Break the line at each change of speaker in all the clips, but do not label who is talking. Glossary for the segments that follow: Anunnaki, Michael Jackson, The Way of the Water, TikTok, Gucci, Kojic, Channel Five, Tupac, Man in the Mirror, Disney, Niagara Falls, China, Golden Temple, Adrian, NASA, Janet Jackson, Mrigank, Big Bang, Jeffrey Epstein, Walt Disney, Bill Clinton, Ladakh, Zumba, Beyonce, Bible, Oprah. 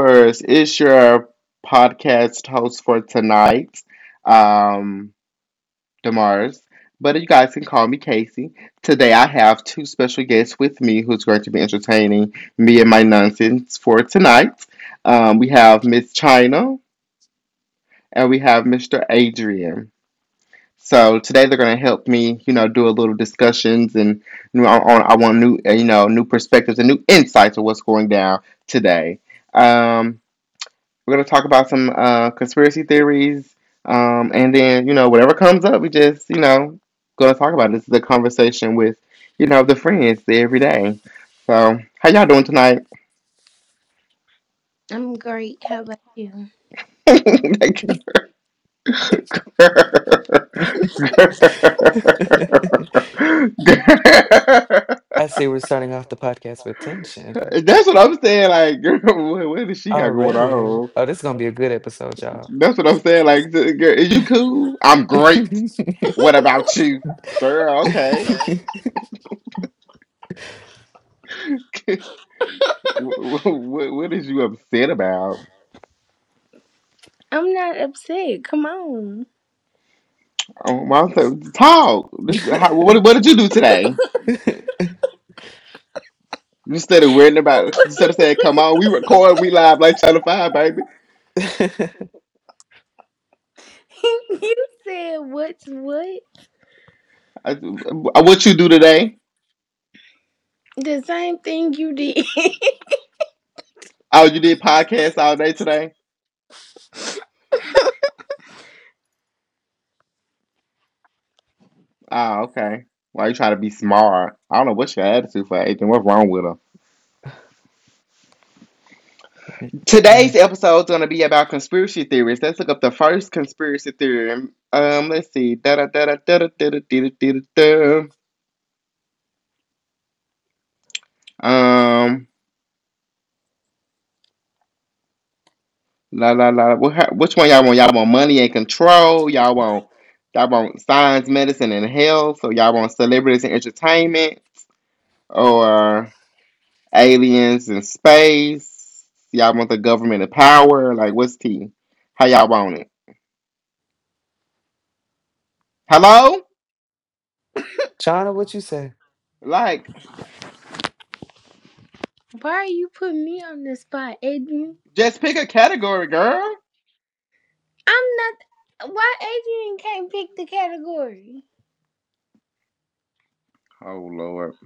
viewers. It's your podcast host for tonight, um, Demars. But you guys can call me Casey. Today, I have two special guests with me who's going to be entertaining me and my nonsense for tonight. We have Miss China and we have Mr. Adrian. So today, they're going to help me, do a little discussions and on, I want new, new perspectives and new insights of what's going down today. Um, We're gonna talk about some conspiracy theories, and then whatever comes up, we just gonna talk about. It. This is a conversation with the friends every day. So how y'all doing tonight?
I'm great. How about you?
Like, girl, girl.
I see we're starting off the podcast with tension
That's what I'm saying. Like, girl, what does she got going
already.
on?
Oh, this is going to be a good episode, y'all.
That's what I'm saying. Like, girl, is you cool? I'm great. What about you, girl? Okay. What, what is you upset about?
I'm not upset. Come on.
I said, talk. This is how, what did you do today? Instead of worrying about, instead of saying, "Come on, we record, we live like Channel Five, baby."
You said what's what?
I, what you do today?
The same thing you did.
Oh, you did podcasts all day today. Oh, okay. Why you trying to be smart? I don't know what's your attitude for Adrian. What's wrong with her? Today's episode is going to be about conspiracy theories. Let's look up the first conspiracy theory. Let's see. Da da da da da da da da da. Um, La la la. What, which one y'all want? Y'all want money and control? Y'all want science, medicine, and health? So y'all want celebrities and entertainment, or aliens and space? Y'all want the government of power? Like what's tea? How y'all want it? Hello?
China, what you say?
Like
Why are you putting me on the spot, Adrian?
just pick a category, girl.
I'm not. Why Adrian can't pick the category?
Oh Lord,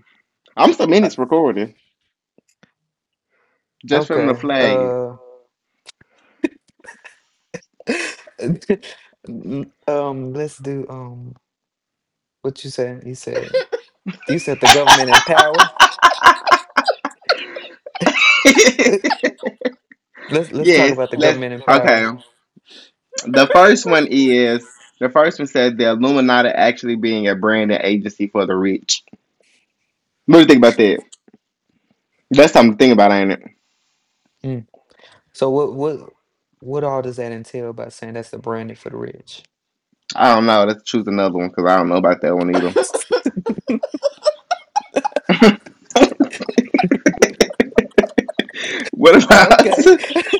I'm some minutes recording just from the
Okay.
flag.
N- Let's do what you said. You said the government in power. let's let's talk
yes,
about the
let's.
government in
Okay.
power.
The first one is the first one says the Illuminati actually being a brand and agency for the rich. What do you think about that? That's something to think about, ain't it?
Mm. So what all does that entail by saying that's the branding for the rich?
I don't know. Let's choose another one because I don't know about that one either. What
Oh,
about?
okay.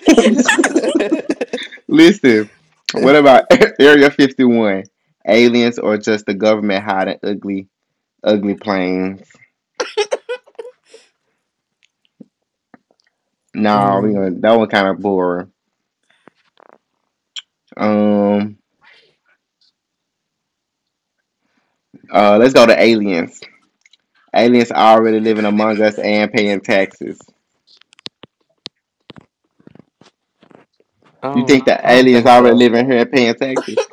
Listen, what about Area 51? Aliens or just the government hiding ugly, ugly planes? No, we
mm,
gonna, that one kind of boring. Um, let's go to aliens. Aliens are already living among us and paying taxes.
I
You think
don't.
that
I don't
aliens
think
already
so.
living here and paying taxes?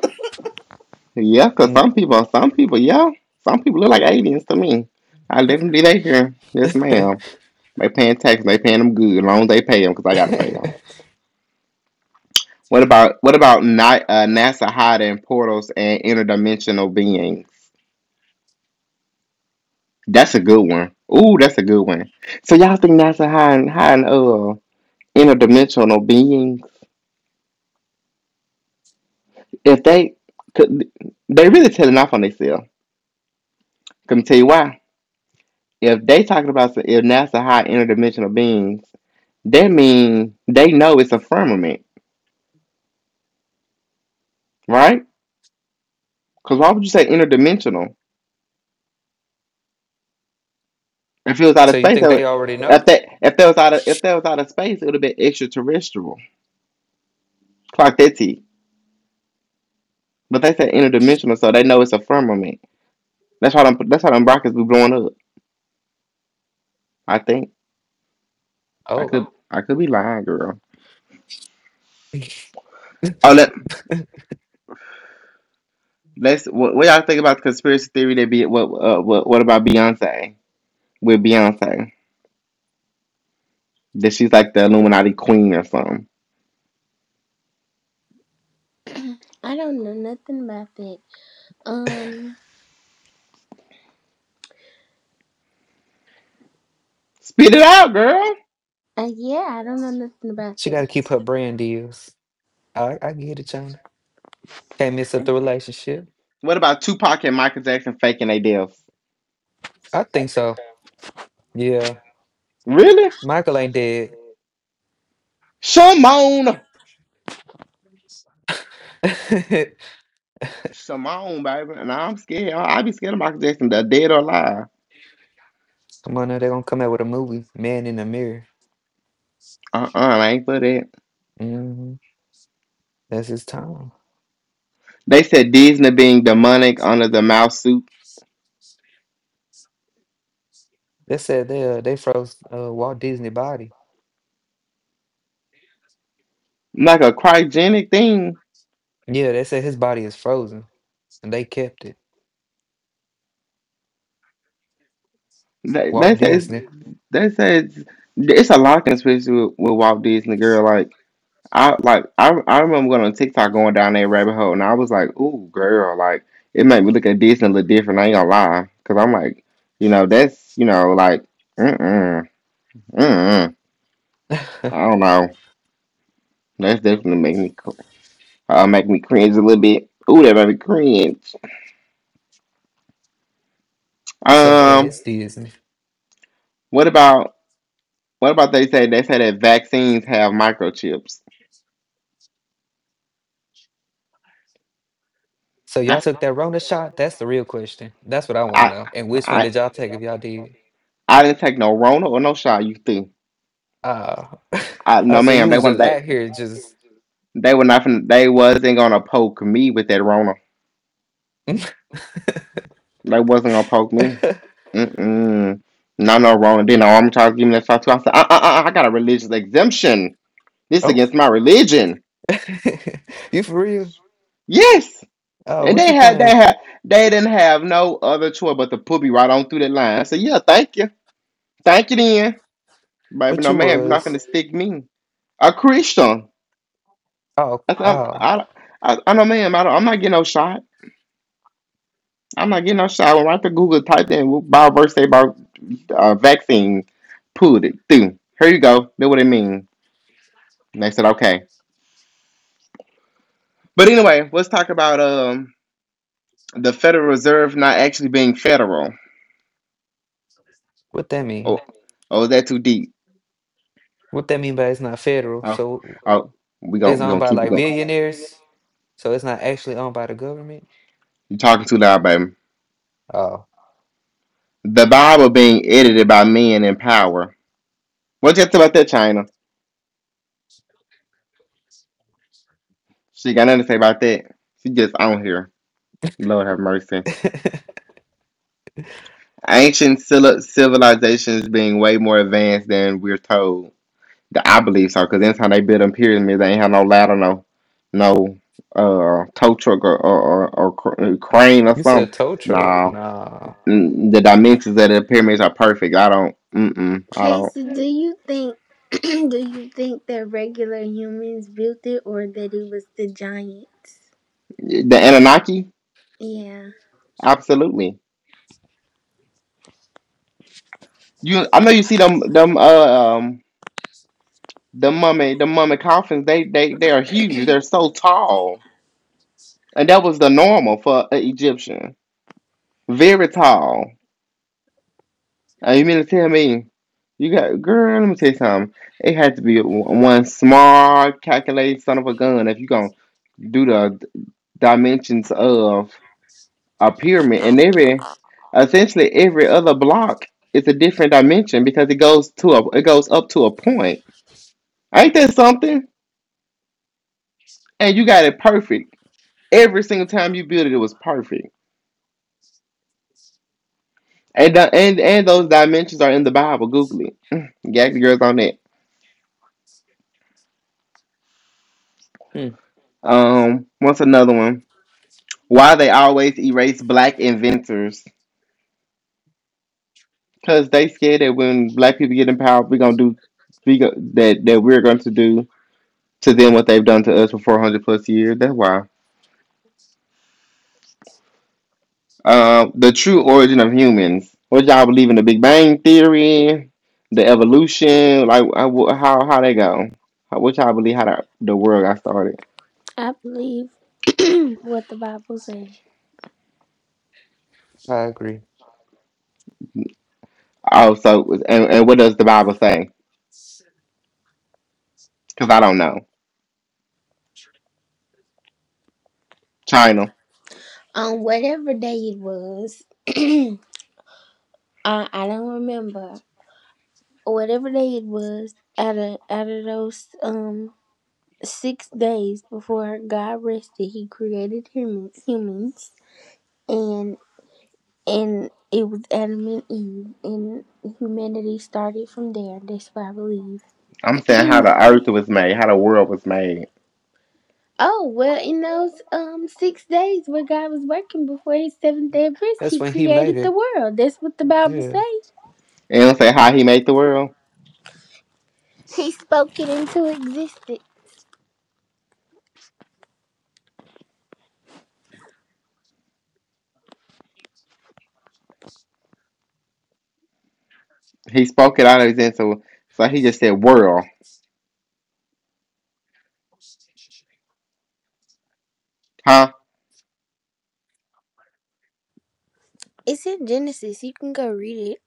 Yeah, cause
Mm.
some people, yeah, some people look like aliens to me. I definitely they here. Yes, ma'am. They paying taxes. They paying them good. As long as they pay them, cause I gotta pay them. What about NASA hiding portals and interdimensional beings? That's a good one. Ooh, that's a good one. So y'all think NASA hiding interdimensional beings? If they could, they really telling off on themselves. Can I tell you why? If they talking about if NASA high interdimensional beings, that means they know it's a firmament, right? Because why would you say interdimensional? If it was out
So
of
you
space,
think
that would,
they already know?
if that was out of if that was out of space, it would have been extraterrestrial. Clock that T. But they said interdimensional, so they know it's a firmament. That's how them rockets be blowing up. I think
Oh,
I could be lying, girl. Oh, Let's what y'all think about the conspiracy theory that be what what about Beyonce with Beyonce that she's like the Illuminati queen or something?
I don't know nothing about that. Um.
Spit it out, girl.
Yeah, I don't know nothing about
she got
that.
to keep her brand deals. I get it, China. Can't mess up the relationship.
What about Tupac and Michael Jackson faking their deaths?
I
I
think
think
so.
so.
Yeah,
Really?
Michael ain't dead.
Shimon,
Come
Shimon, baby. And no, I'm scared. I be scared of Michael Jackson, the dead or alive.
on, now they're gonna come out with a movie, Man in the Mirror.
I ain't for that.
hmm That's his time.
They said Disney being demonic under the mouse suit,
They said they froze Walt Disney body.
like a cryogenic thing.
Yeah, they said his body is frozen, and they kept it.
They, they
Walt
say it's,
Disney.
they say it's a lot of conspiracy with Walt Disney, girl. Like I remember going on TikTok going down that rabbit hole, and I was like, "Ooh, girl!" Like it made me look at Disney a little different. I ain't gonna lie, cause I'm like, you know, that's you know, like, mm mm mm.
It's
I don't know. That's definitely make me cringe a little bit. Ooh, that made me cringe.
okay.
Um,
It's Disney.
what about they say that vaccines have microchips?
So y'all
That's
took that Rona shot? That's the real question. That's what I want to
I
know. And which one
I
did y'all take if y'all did?
I didn't take no Rona or no shot. You think?
Uh,
I, no,
so you
ma'am. They
was
want
just
they
out here just
they were not. Finna, they wasn't gonna poke me with that Rona. They wasn't gonna poke me. Mm mm. No, no Rona. Then I'm trying to give me that shot too. I said, I got a religious exemption. This
oh
against my religion.
you for real?
Yes.
Oh,
And
what you
they had they
claim
had they didn't have no other choice but to put me right on through that line. I said, yeah, thank you then. Baby,
what
no,
you
ma'am, you're not
was
finna stick me. A Christian.
oh
That's,
oh
I know, ma'am, I'm not getting no shot. I'm not getting no shot. I went right to Google, typed in "Bible verse about vaccine, pulled it through. Here you go. Know what it mean. And they said, okay. But anyway, let's talk about the Federal Reserve not actually being federal.
what that
Oh,
mean?
oh, is that too deep?
What that mean by it's not federal,
Oh,
so
oh we
it's
gon' we
owned
gonna
by
keep it
like
going.
billionaires, so it's not actually owned by the government?
You're talking too loud, baby.
Oh
The Bible being edited by men in power. What's up about that China? She got nothing to say about that. She just on here. Lord have mercy. Ancient civilizations being way more advanced than we're told. That I believe so, because anytime they build them pyramids, they ain't have no ladder, no, tow truck or crane or
You said
something.
tow truck.
Nah,
Nah.
Mm, the dimensions of the pyramids are perfect. I don't.
Casey, do you think do you think that regular humans built it or that it was the giants?
The Anunnaki,
Yeah.
absolutely. You, I know you see um, the mummy coffins, they are huge. They're so tall, and that was the normal for an Egyptian. Very tall. And you mean to tell me you got girl? Let me tell you something. It had to be one smart, calculated son of a gun if you gonna do the dimensions of a pyramid. And every, essentially every other block is a different dimension because it goes to a it goes up to a point. Ain't that something? And you got it perfect Every single time you built it, it was perfect. And and those dimensions are in the Bible. Google it. Gag the girls on that.
Hmm,
What's another one? Why they always erase black inventors? Cause they scared that when black people get in power, we're gonna do we go, that we're going to do to them what they've done to us for 400 plus years. That's why. The true origin of humans. What y'all believe in the Big Bang theory, the evolution, like how they go? What y'all believe how the world got started?
I believe what the Bible says.
I agree.
Oh, so and what does the Bible say? Because I don't know. China.
On whatever day it was, uh, I don't remember. Whatever day it was, out of those 6 days before God rested, He created humans, and and it was Adam and Eve, and humanity started from there. That's what I believe.
I'm saying how the earth was made, how the world was made.
Oh, well, in those 6 days where God was working before his seventh day of rest,
That's
he
when he made
created the
it.
world. That's what the Bible
Yeah.
says.
And don't say how he made the world.
He spoke it into existence.
He spoke it out of his end. So, so he just said world. Huh?
It's in Genesis. You can go read it.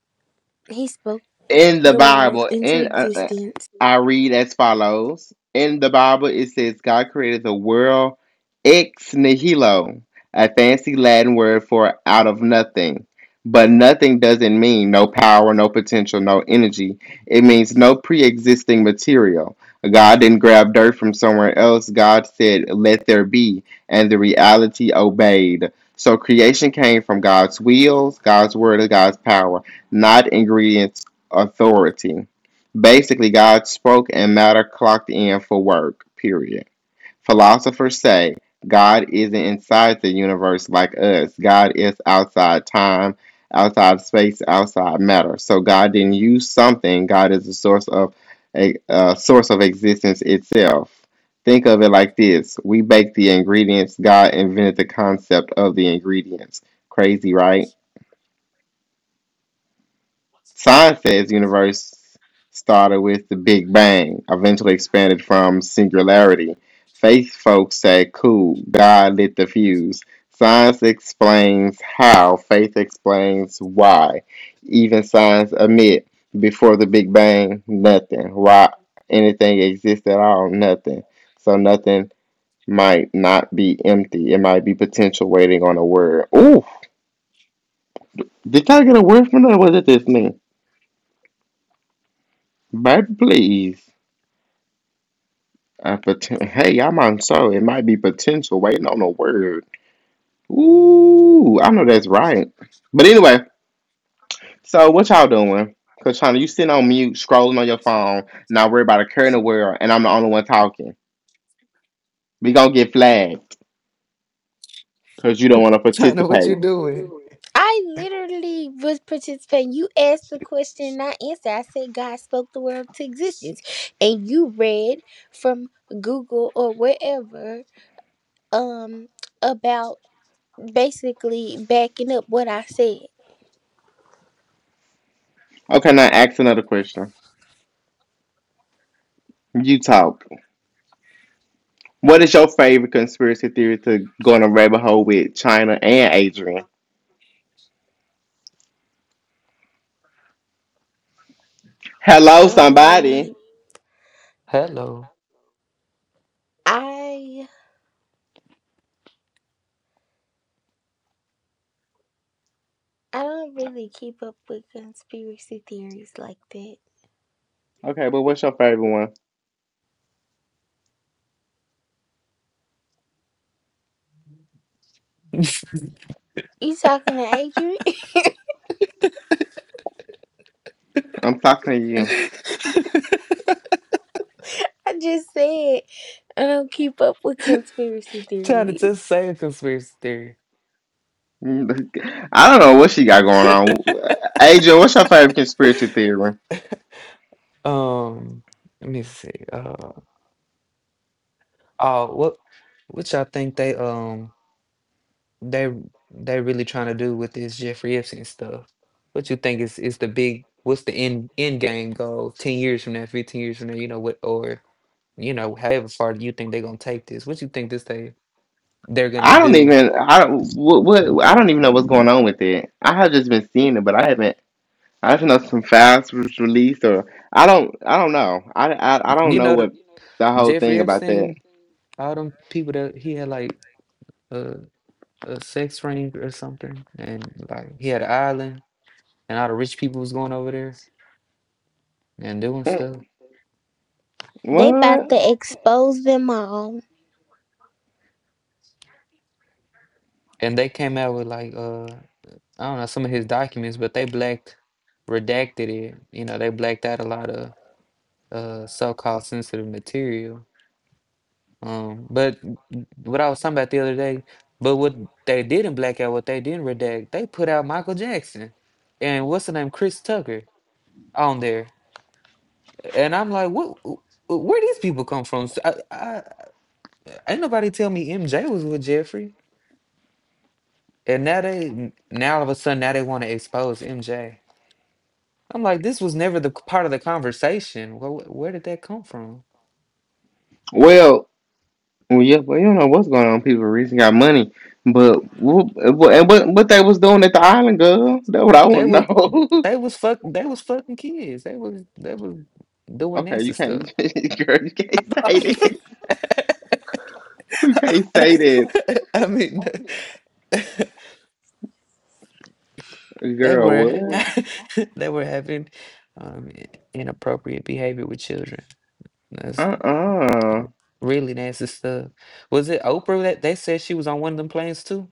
He spoke
in the
the world
Bible,
into
in
existence.
I read as follows: In the Bible, it says God created the world ex nihilo, a fancy Latin word for out of nothing. But nothing doesn't mean no power, no potential, no energy. It means no pre-existing material. God didn't grab dirt from somewhere else. God said, "Let there be," and the reality obeyed. So creation came from God's wills, God's word, and God's power, not ingredients authority. Basically, God spoke and matter clocked in for work, period. Philosophers say God isn't inside the universe like us, God is outside time, outside space, outside matter. So God didn't use something, God is the source of a source of existence itself. Think of it like this: We bake the ingredients. God invented the concept of the ingredients. Crazy, right? Science Seinfeld's universe started with the Big Bang, eventually expanded from singularity. Faith folks say, cool, God lit the fuse. Science explains how, faith explains why. Even science admit, before the Big Bang, nothing. Why anything exists at all, nothing. So nothing might not be empty. It might be potential waiting on a word. Ooh, did I get a word from that? What does this mean? Baby, please. I'm on so it might be potential waiting on a word. Ooh, I know that's right. But anyway, so what y'all doing? Cause China, you sitting on mute, scrolling on your phone, not worried about a care in the world, and I'm the only one talking. We gonna get flagged because you don't want to
China, what
participate.
you doing?
I literally was participating. You asked the question and I answered. I said God spoke the world to existence. And you read from Google or wherever um about basically backing up what I said.
Okay, now ask another question. You talk. What is your favorite conspiracy theory to go in a rabbit hole with China and Adrian? Hello,
Um,
somebody.
Hello.
I I don't really keep up with conspiracy theories like that.
Okay, but what's your favorite one?
You talking to Adrian?
I'm talking to you.
I just said I don't keep up with conspiracy
China
theories.
just say a conspiracy theory.
Mm. I don't know what she got going on. AJ, what's your favorite conspiracy theory?
Um, Let me see. Oh, what y'all think they they they really trying to do with this Jeffrey Epstein stuff? What you think is the big what's the end game goal 10 years from now, 15 years from now, you know what or you know, however far you think they're gonna take this, what you think this they're gonna do.
I don't even know what's going on with it. I have just been seeing it, but I haven't. I just know some files was released, or I don't. I don't know. I don't
You
know
know, the
what the whole
Jeffrey
thing about that.
Epstein, all them people that he had like a, a sex ring or something, and like he had an island, and all the rich people was going over there and doing stuff.
Mm.
They
What?
about to expose them all.
And they came out with like, I don't know, some of his documents, but they blacked, redacted it. You know, they blacked out a lot of so-called sensitive material. But what I was talking about the other day, but what they didn't black out, what they didn't redact, they put out Michael Jackson and what's the name, Chris Tucker on there, and I'm like, what? Where these people come from? So ain't nobody tell me MJ was with Jeffrey, and now all of a sudden now they want to expose MJ. I'm like, this was never the part of the conversation. Well, where did that come from?
Well, well, yeah. Well, you don't know what's going on. People recently got money, but what, and what what they was doing at the island, girl? That's what I
They
want to
was
know.
they was fucking kids. They was doing
Okay,
nasty
you
stuff.
can't, girl, you can't say this. You can't say this,
I mean, they
girl.
were
What?
they were having um, inappropriate behavior with children. That's
Uh.
really nasty stuff. Was it Oprah that they said she was on one of them planes too?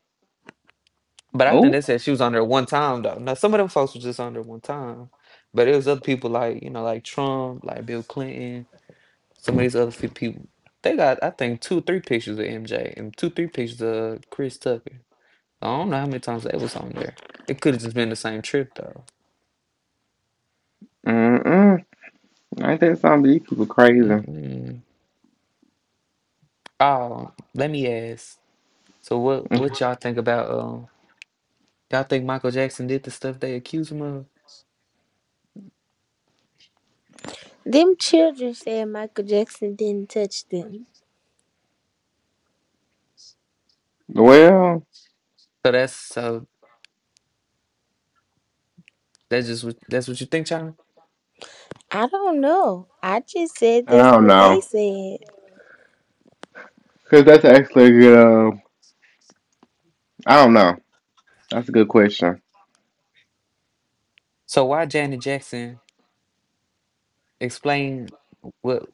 But I think
Oh.
they said she was on there one time though. Now some of them folks was just on there one time, but it was other people like, you know, like Trump, like Bill Clinton, some of these other few people. They got I think 2, 3 pictures of MJ and 2, 3 pictures of Chris Tucker. I don't know how many times they was on there. It could have just been the same trip though.
Mm mm. I think some of these people crazy.
Mm-mm. Oh, let me ask. So what
Mm-hmm.
y'all think about y'all think Michael Jackson did the stuff they accused him of?
Them children said Michael Jackson didn't touch them.
Well,
So that's just what that's what you think, China.
I don't know. I just said
I
that's
don't
what they
know,
said
cause that's actually a good. I don't know. That's a good question.
So why Janet Jackson explain what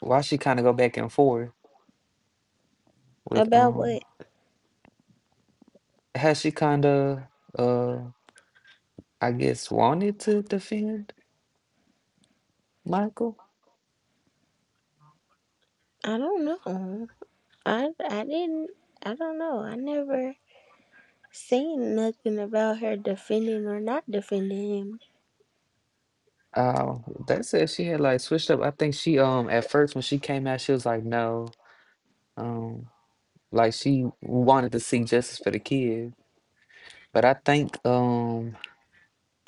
why she kind of go back and forth with
about what
has she kind of uh I guess wanted to defend Michael?
I don't know. I didn't. I don't know. I never. Saying nothing about her defending or not defending him.
Uh, they said she had like switched up. I think she at first when she came out she was like no um like she wanted to seek justice for the kid, but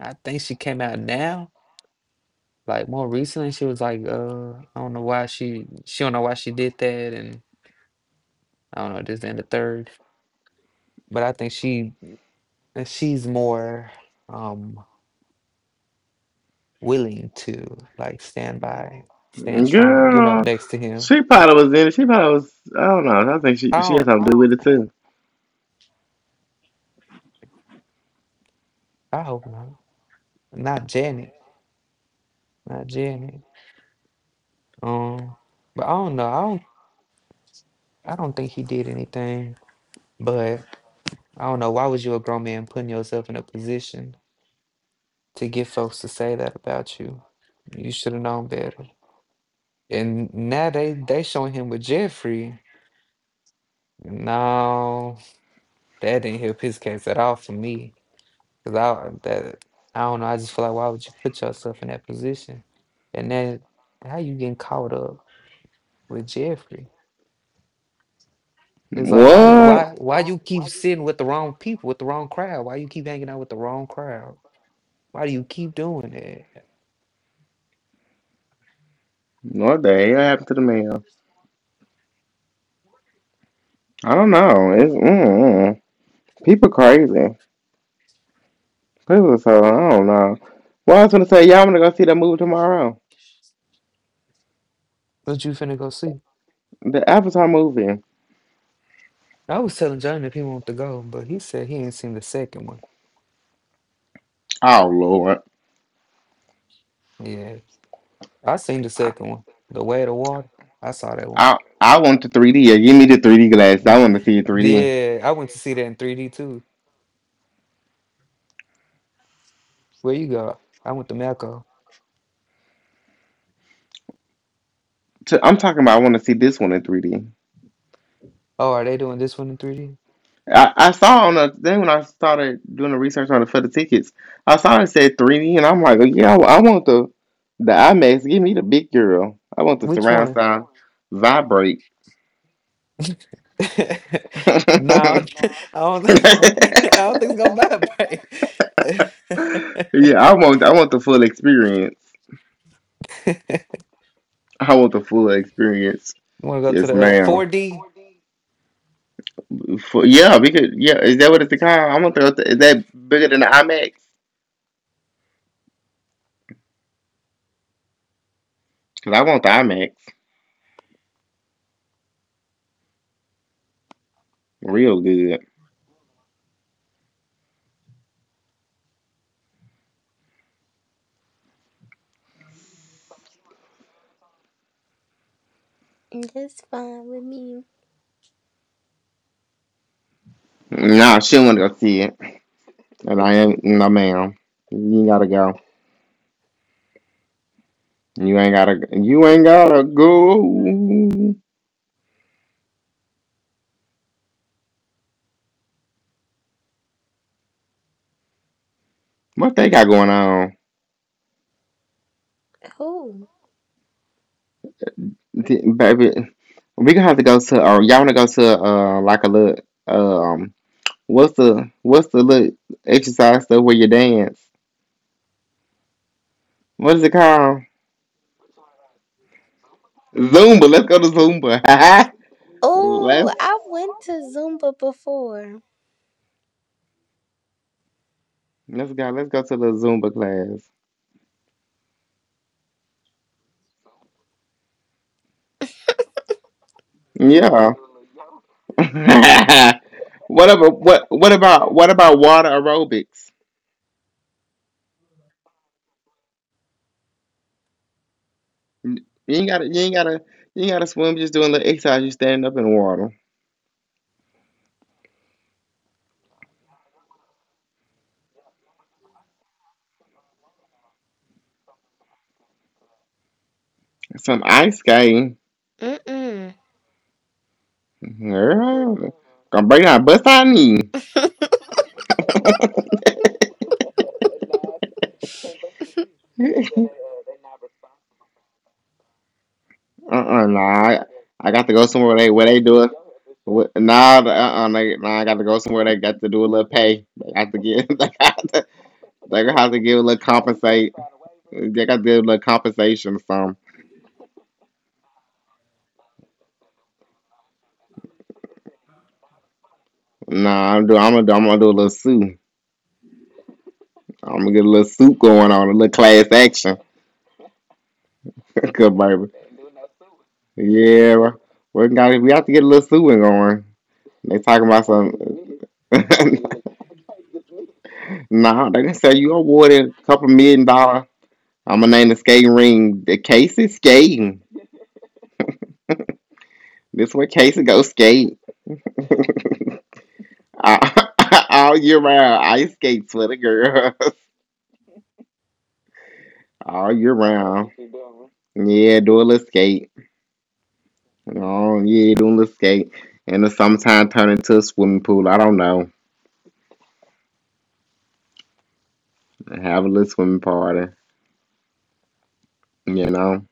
I think she came out now, like, more recently, she was like, I don't know why she don't know why she did that, and I don't know this and the third. But I think she's more um willing to like stand by, stand strong, you know,
Girl,
next to him.
she probably was in it. She probably was. I don't know. I think she
I
she had
don't.
something to do with it too.
I hope not. Not Janet. Not Janet. Um, but I don't know. I don't. I don't think he did anything. But I don't know. Why was you a grown man putting yourself in a position to get folks to say that about you? You should have known better. And now they showing him with Jeffrey. No, that didn't help his case at all for me. Cause I don't know. I just feel like why would you put yourself in that position? And then how you getting caught up with Jeffrey? It's like
What?
why you keep sitting with the wrong people with the wrong crowd? Why you keep hanging out with the wrong crowd? Why do you keep doing that?
What the hell happened to the mail? I don't know. It's people crazy. It was so I don't know. Well, I was gonna say y'all wanna go see that movie tomorrow,
What you finna go see?
the Avatar movie.
I was telling Johnny if he wanted to go, but he said he ain't seen the second one.
Oh Lord,
Yeah. I seen the
I
second one, The Way of the Water. I saw that one.
I want the 3D. Give me the 3D glass.
Mm,
I want to see 3 di
yeah, I went to see that in 3D too. Where you go? I went to Malco.
am talking about I want to see this one in 3D.
Oh, are they doing this one in 3D?
I saw on then when I started doing the research on the for the tickets, I saw it said 3D, and I'm like, oh, yeah, I want the IMAX. Give me the big girl. I want the
Which
surround
one?
sound vibrate.
No, I don't think it's gonna buy it.
Yeah, I want the full experience. I want the full experience.
You want to go to
Yes,
the
ma'am.
4D?
For, yeah, we could. Yeah, is that what it's called? I want the. Is that bigger than the IMAX? Cause I want the IMAX real good.
That's fine with me.
Nah, she want to go see it, and I ain't. No, ma'am. You ain't gotta go. You ain't gotta. You ain't gotta go. What they got going on,
Who?
Baby? We gonna have to go to. Y'all wanna go to like a little um what's the little exercise stuff where you dance? What is it called? Zumba. Let's go to Zumba.
Oh,
let's
I went to Zumba before.
let's go. Let's go to the Zumba class. Yeah. What about water aerobics? You ain't gotta you ain't gotta you ain't gotta swim. Just doing little exercise. You standing up in the water. Some ice skating.
Mm-mm.
Girl, gonna bring out bust on me. Uh-uh, nah, I got to go somewhere where they do it. Nah, uh-uh, nah, I got to go somewhere they got to do a little pay. They got to give, they gonna have to give a little compensate. They got to give a little compensation or something. Nah, I'm gonna do a little suit. I'm gonna get a little suit going on, a little class action. Good baby, yeah, bro. We have to get a little suing going. They talking about some. Nah, they can say you awarded a couple million dollar. I'm gonna name the skating ring the Casey Skating. This is where Casey go skate. All year round, ice skates for the girls. All year round. Yeah, do a little skate. Oh yeah, do a little skate. And the sometime turn into a swimming pool. I don't know. Have a little swimming party. You know.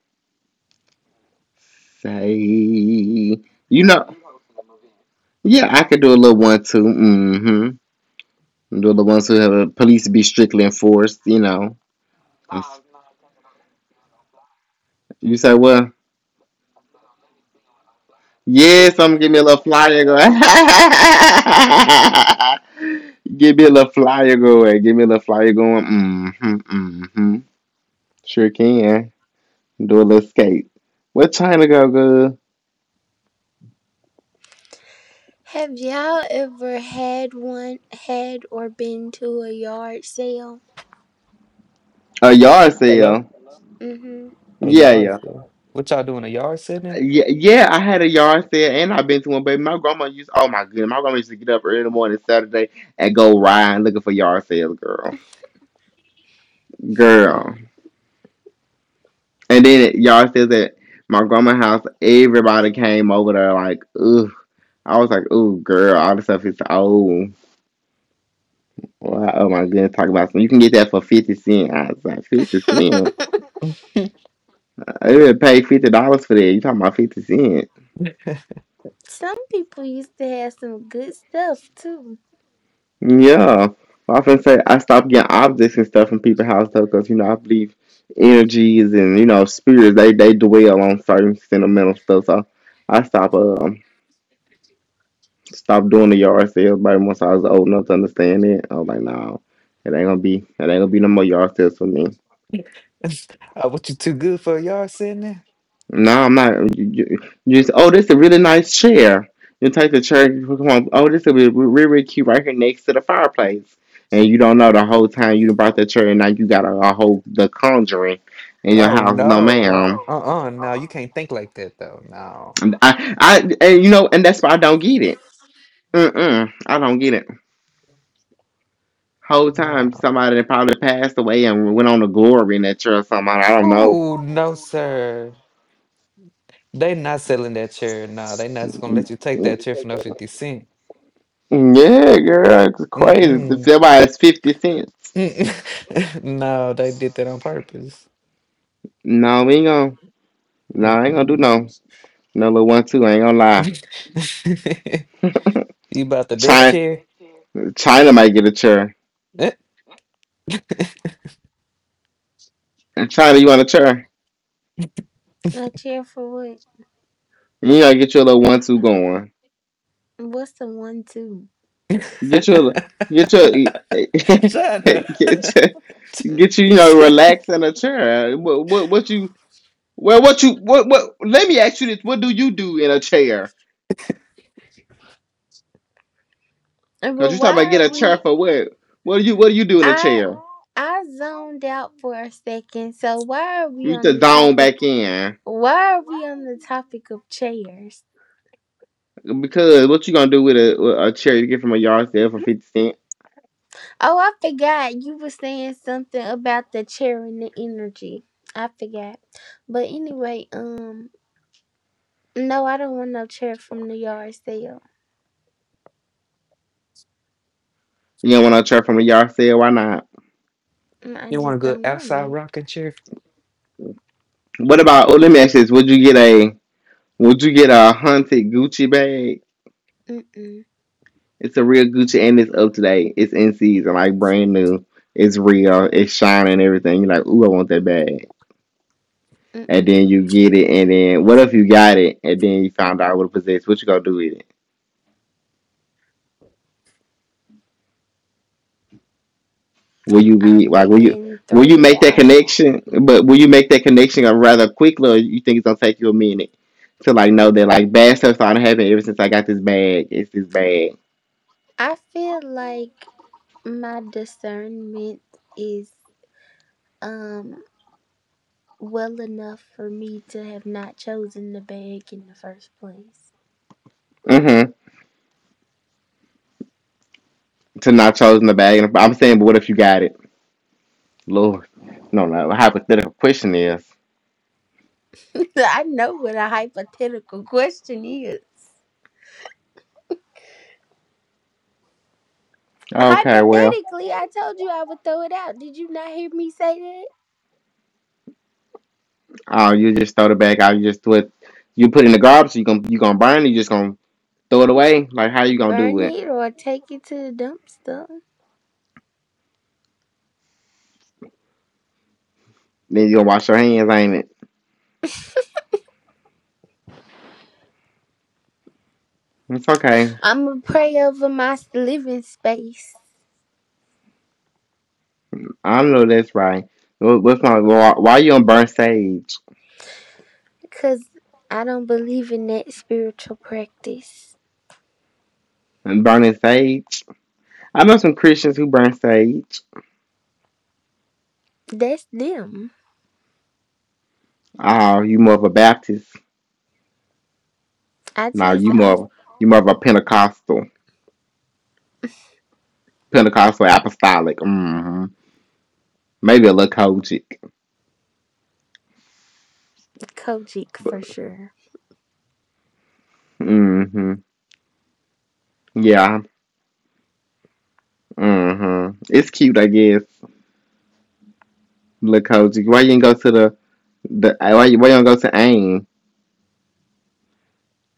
Say you know. Yeah, I could do a little one two. Mm-hmm. Do a little one two. Have the police be strictly enforced. You know. I'm s- You say what? Yes, I'm gonna give me a little flyer going. Give me a little flyer going. Give me a little flyer going. Mm-hmm, mm-hmm. Sure can. Do a little skate. What China go good?
Have y'all ever had one, had or been to a yard sale?
A yard
Hello?
sale.
Mm-hmm.
A
Yeah,
yard
yeah.
sale. What y'all doing? A yard sitting?
Yeah, yeah, I had a yard sale and I've been to one, baby. My grandma used Oh my goodness, my grandma used to get up early in the morning Saturday and go riding looking for yard sales, girl. Girl. And then y'all says at my grandma's house, everybody came over there like, ugh. I was like, ooh, girl, all this stuff is old. Wow, oh my goodness, talk about something. You can get that for 50 cents. I was like, 50 cents?
uh,
I would pay $50 for that. You talking about 50 cents?
Some people used to have some good stuff too.
Yeah. Well, I often say I stopped getting objects and stuff from people's house though, because, I believe energies and, spirits, they dwell on certain sentimental stuff. So I stop. Stopped doing the yard sales by once I was old enough to understand it. I was like, no, it ain't gonna be no more yard sales for me.
what you too good for a yard sitting?
No, I'm not. You just, oh, this is a really nice chair. You take the chair, come on. Oh, this is really, really, really cute right here next to the fireplace. And you don't know the whole time you done brought that chair, and now you got a whole the conjuring in your
Oh
house. No,
no.
ma'am.
Uh-uh. No, you can't think like that though. No.
And you know, and that's why I don't get it. Mm-mm, I don't get it. Whole time
No.
somebody that probably passed away and went on a glory in that church or something. I don't know.
Oh, no, sir. They not selling that chair. No, they not just gonna let you take that chair for no 50¢.
Yeah, girl, it's crazy. If
Mm-mm.
somebody's 50 cents,
Mm-mm. No, they did that on purpose.
no, we ain't gonna, no, I ain't gonna do
Mm-mm.
no, no little one two. I ain't gonna lie.
You about the death
China,
chair?
China might get a chair. China, you want a chair?
I cheer for what?
You gotta get your little one two going.
What's the one too?
You get your, get your, get
China.
your,
Mm,
get you, relax in a chair. What you? Well, what you what? Let me ask you this: what do you do in a chair?
But
Cause you talking about
why
get
are
a chair
we
for what? What do you do in a
I
chair?
I zoned out for a second. So why are we
You
on
just
the
zone
topic?
back in
Why are we on the topic of chairs?
because what you gonna do with a chair you get from a yard sale for 50 cent?
Oh, I forgot. You were saying something about the chair and the energy. I forgot. But anyway, no, I don't want no chair from the yard sale.
You don't want a chair from a yard sale? Why not?
I
You want a
just
good
don't
outside
want
rocking chair?
What about? Oh, let me ask you this: would you get a hunted Gucci bag?
it. Mm-mm,
It's a real Gucci and it's up to date. It's in season, like brand new. It's real. It's shining and everything. You're like, ooh, I want that bag. And
mm-mm.
then you get it, and then what if you got it, and then you found out what it possessed? What you gonna do with it? Will you
I
be like, will you,
reckon
will
throw
you
it
make that
out.
connection? But will you make that connection rather quickly, or you think it's gonna take you a minute to like know that like bad stuff started happening ever since I got this bag? It's this bag.
I feel like my discernment is um well enough for me to have not chosen the bag in the first place.
Mm-hmm. To not choosing the bag, and I'm saying, but what if you got it? Lord, no, no. A hypothetical question is,
I know what a hypothetical question is.
okay, well,
Hypothetically, I told you I would throw it out. Did you not hear me say that?
oh, you just throw the bag out, you just throw it, you put it in the garbage, you gonna burn it, you just gonna throw it away. Like, how you gonna do
Burn
it?
it or take it to the dumpster.
They gonna wash your hands, ain't it? It's okay.
I'm going to pray over my living space
I know that's right. What's my why, you gonna burn sage?
because I don't believe in that spiritual practice.
And burning sage? I know some Christians who burn sage.
That's them.
Oh, you more of a Baptist?
I
No,
just, I,
you more of a Pentecostal, Pentecostal apostolic. Mm-hmm. Maybe a little Kojic.
Kojic for sure.
Mm-hmm. Yeah. Mm-hmm. It's cute, I guess. Little Kojic. Why you ain't go to the? Why you don't go to AIM?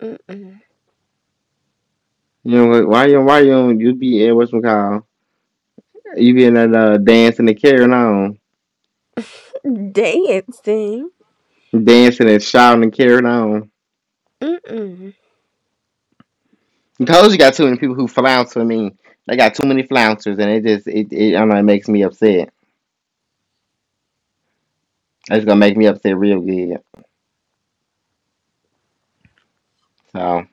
Mm-mm.
You know why you don't you be at what's it called? You be in there dancing and carrying on,
Dancing.
dancing and shouting and carrying on.
Mm-mm.
Because you got too many people who flounce for me. They got too many flouncers, and it just it, it I don't know it makes me upset. It's gonna make me upset real good. So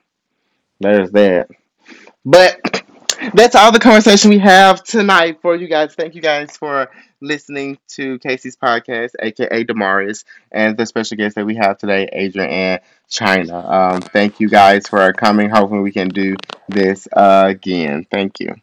there's that. But that's all the conversation we have tonight for you guys. Thank you guys for listening to Casey's podcast, aka Damaris, and the special guest that we have today, Adrian and China. Thank you guys for coming. Hopefully, we can do this again. Thank you.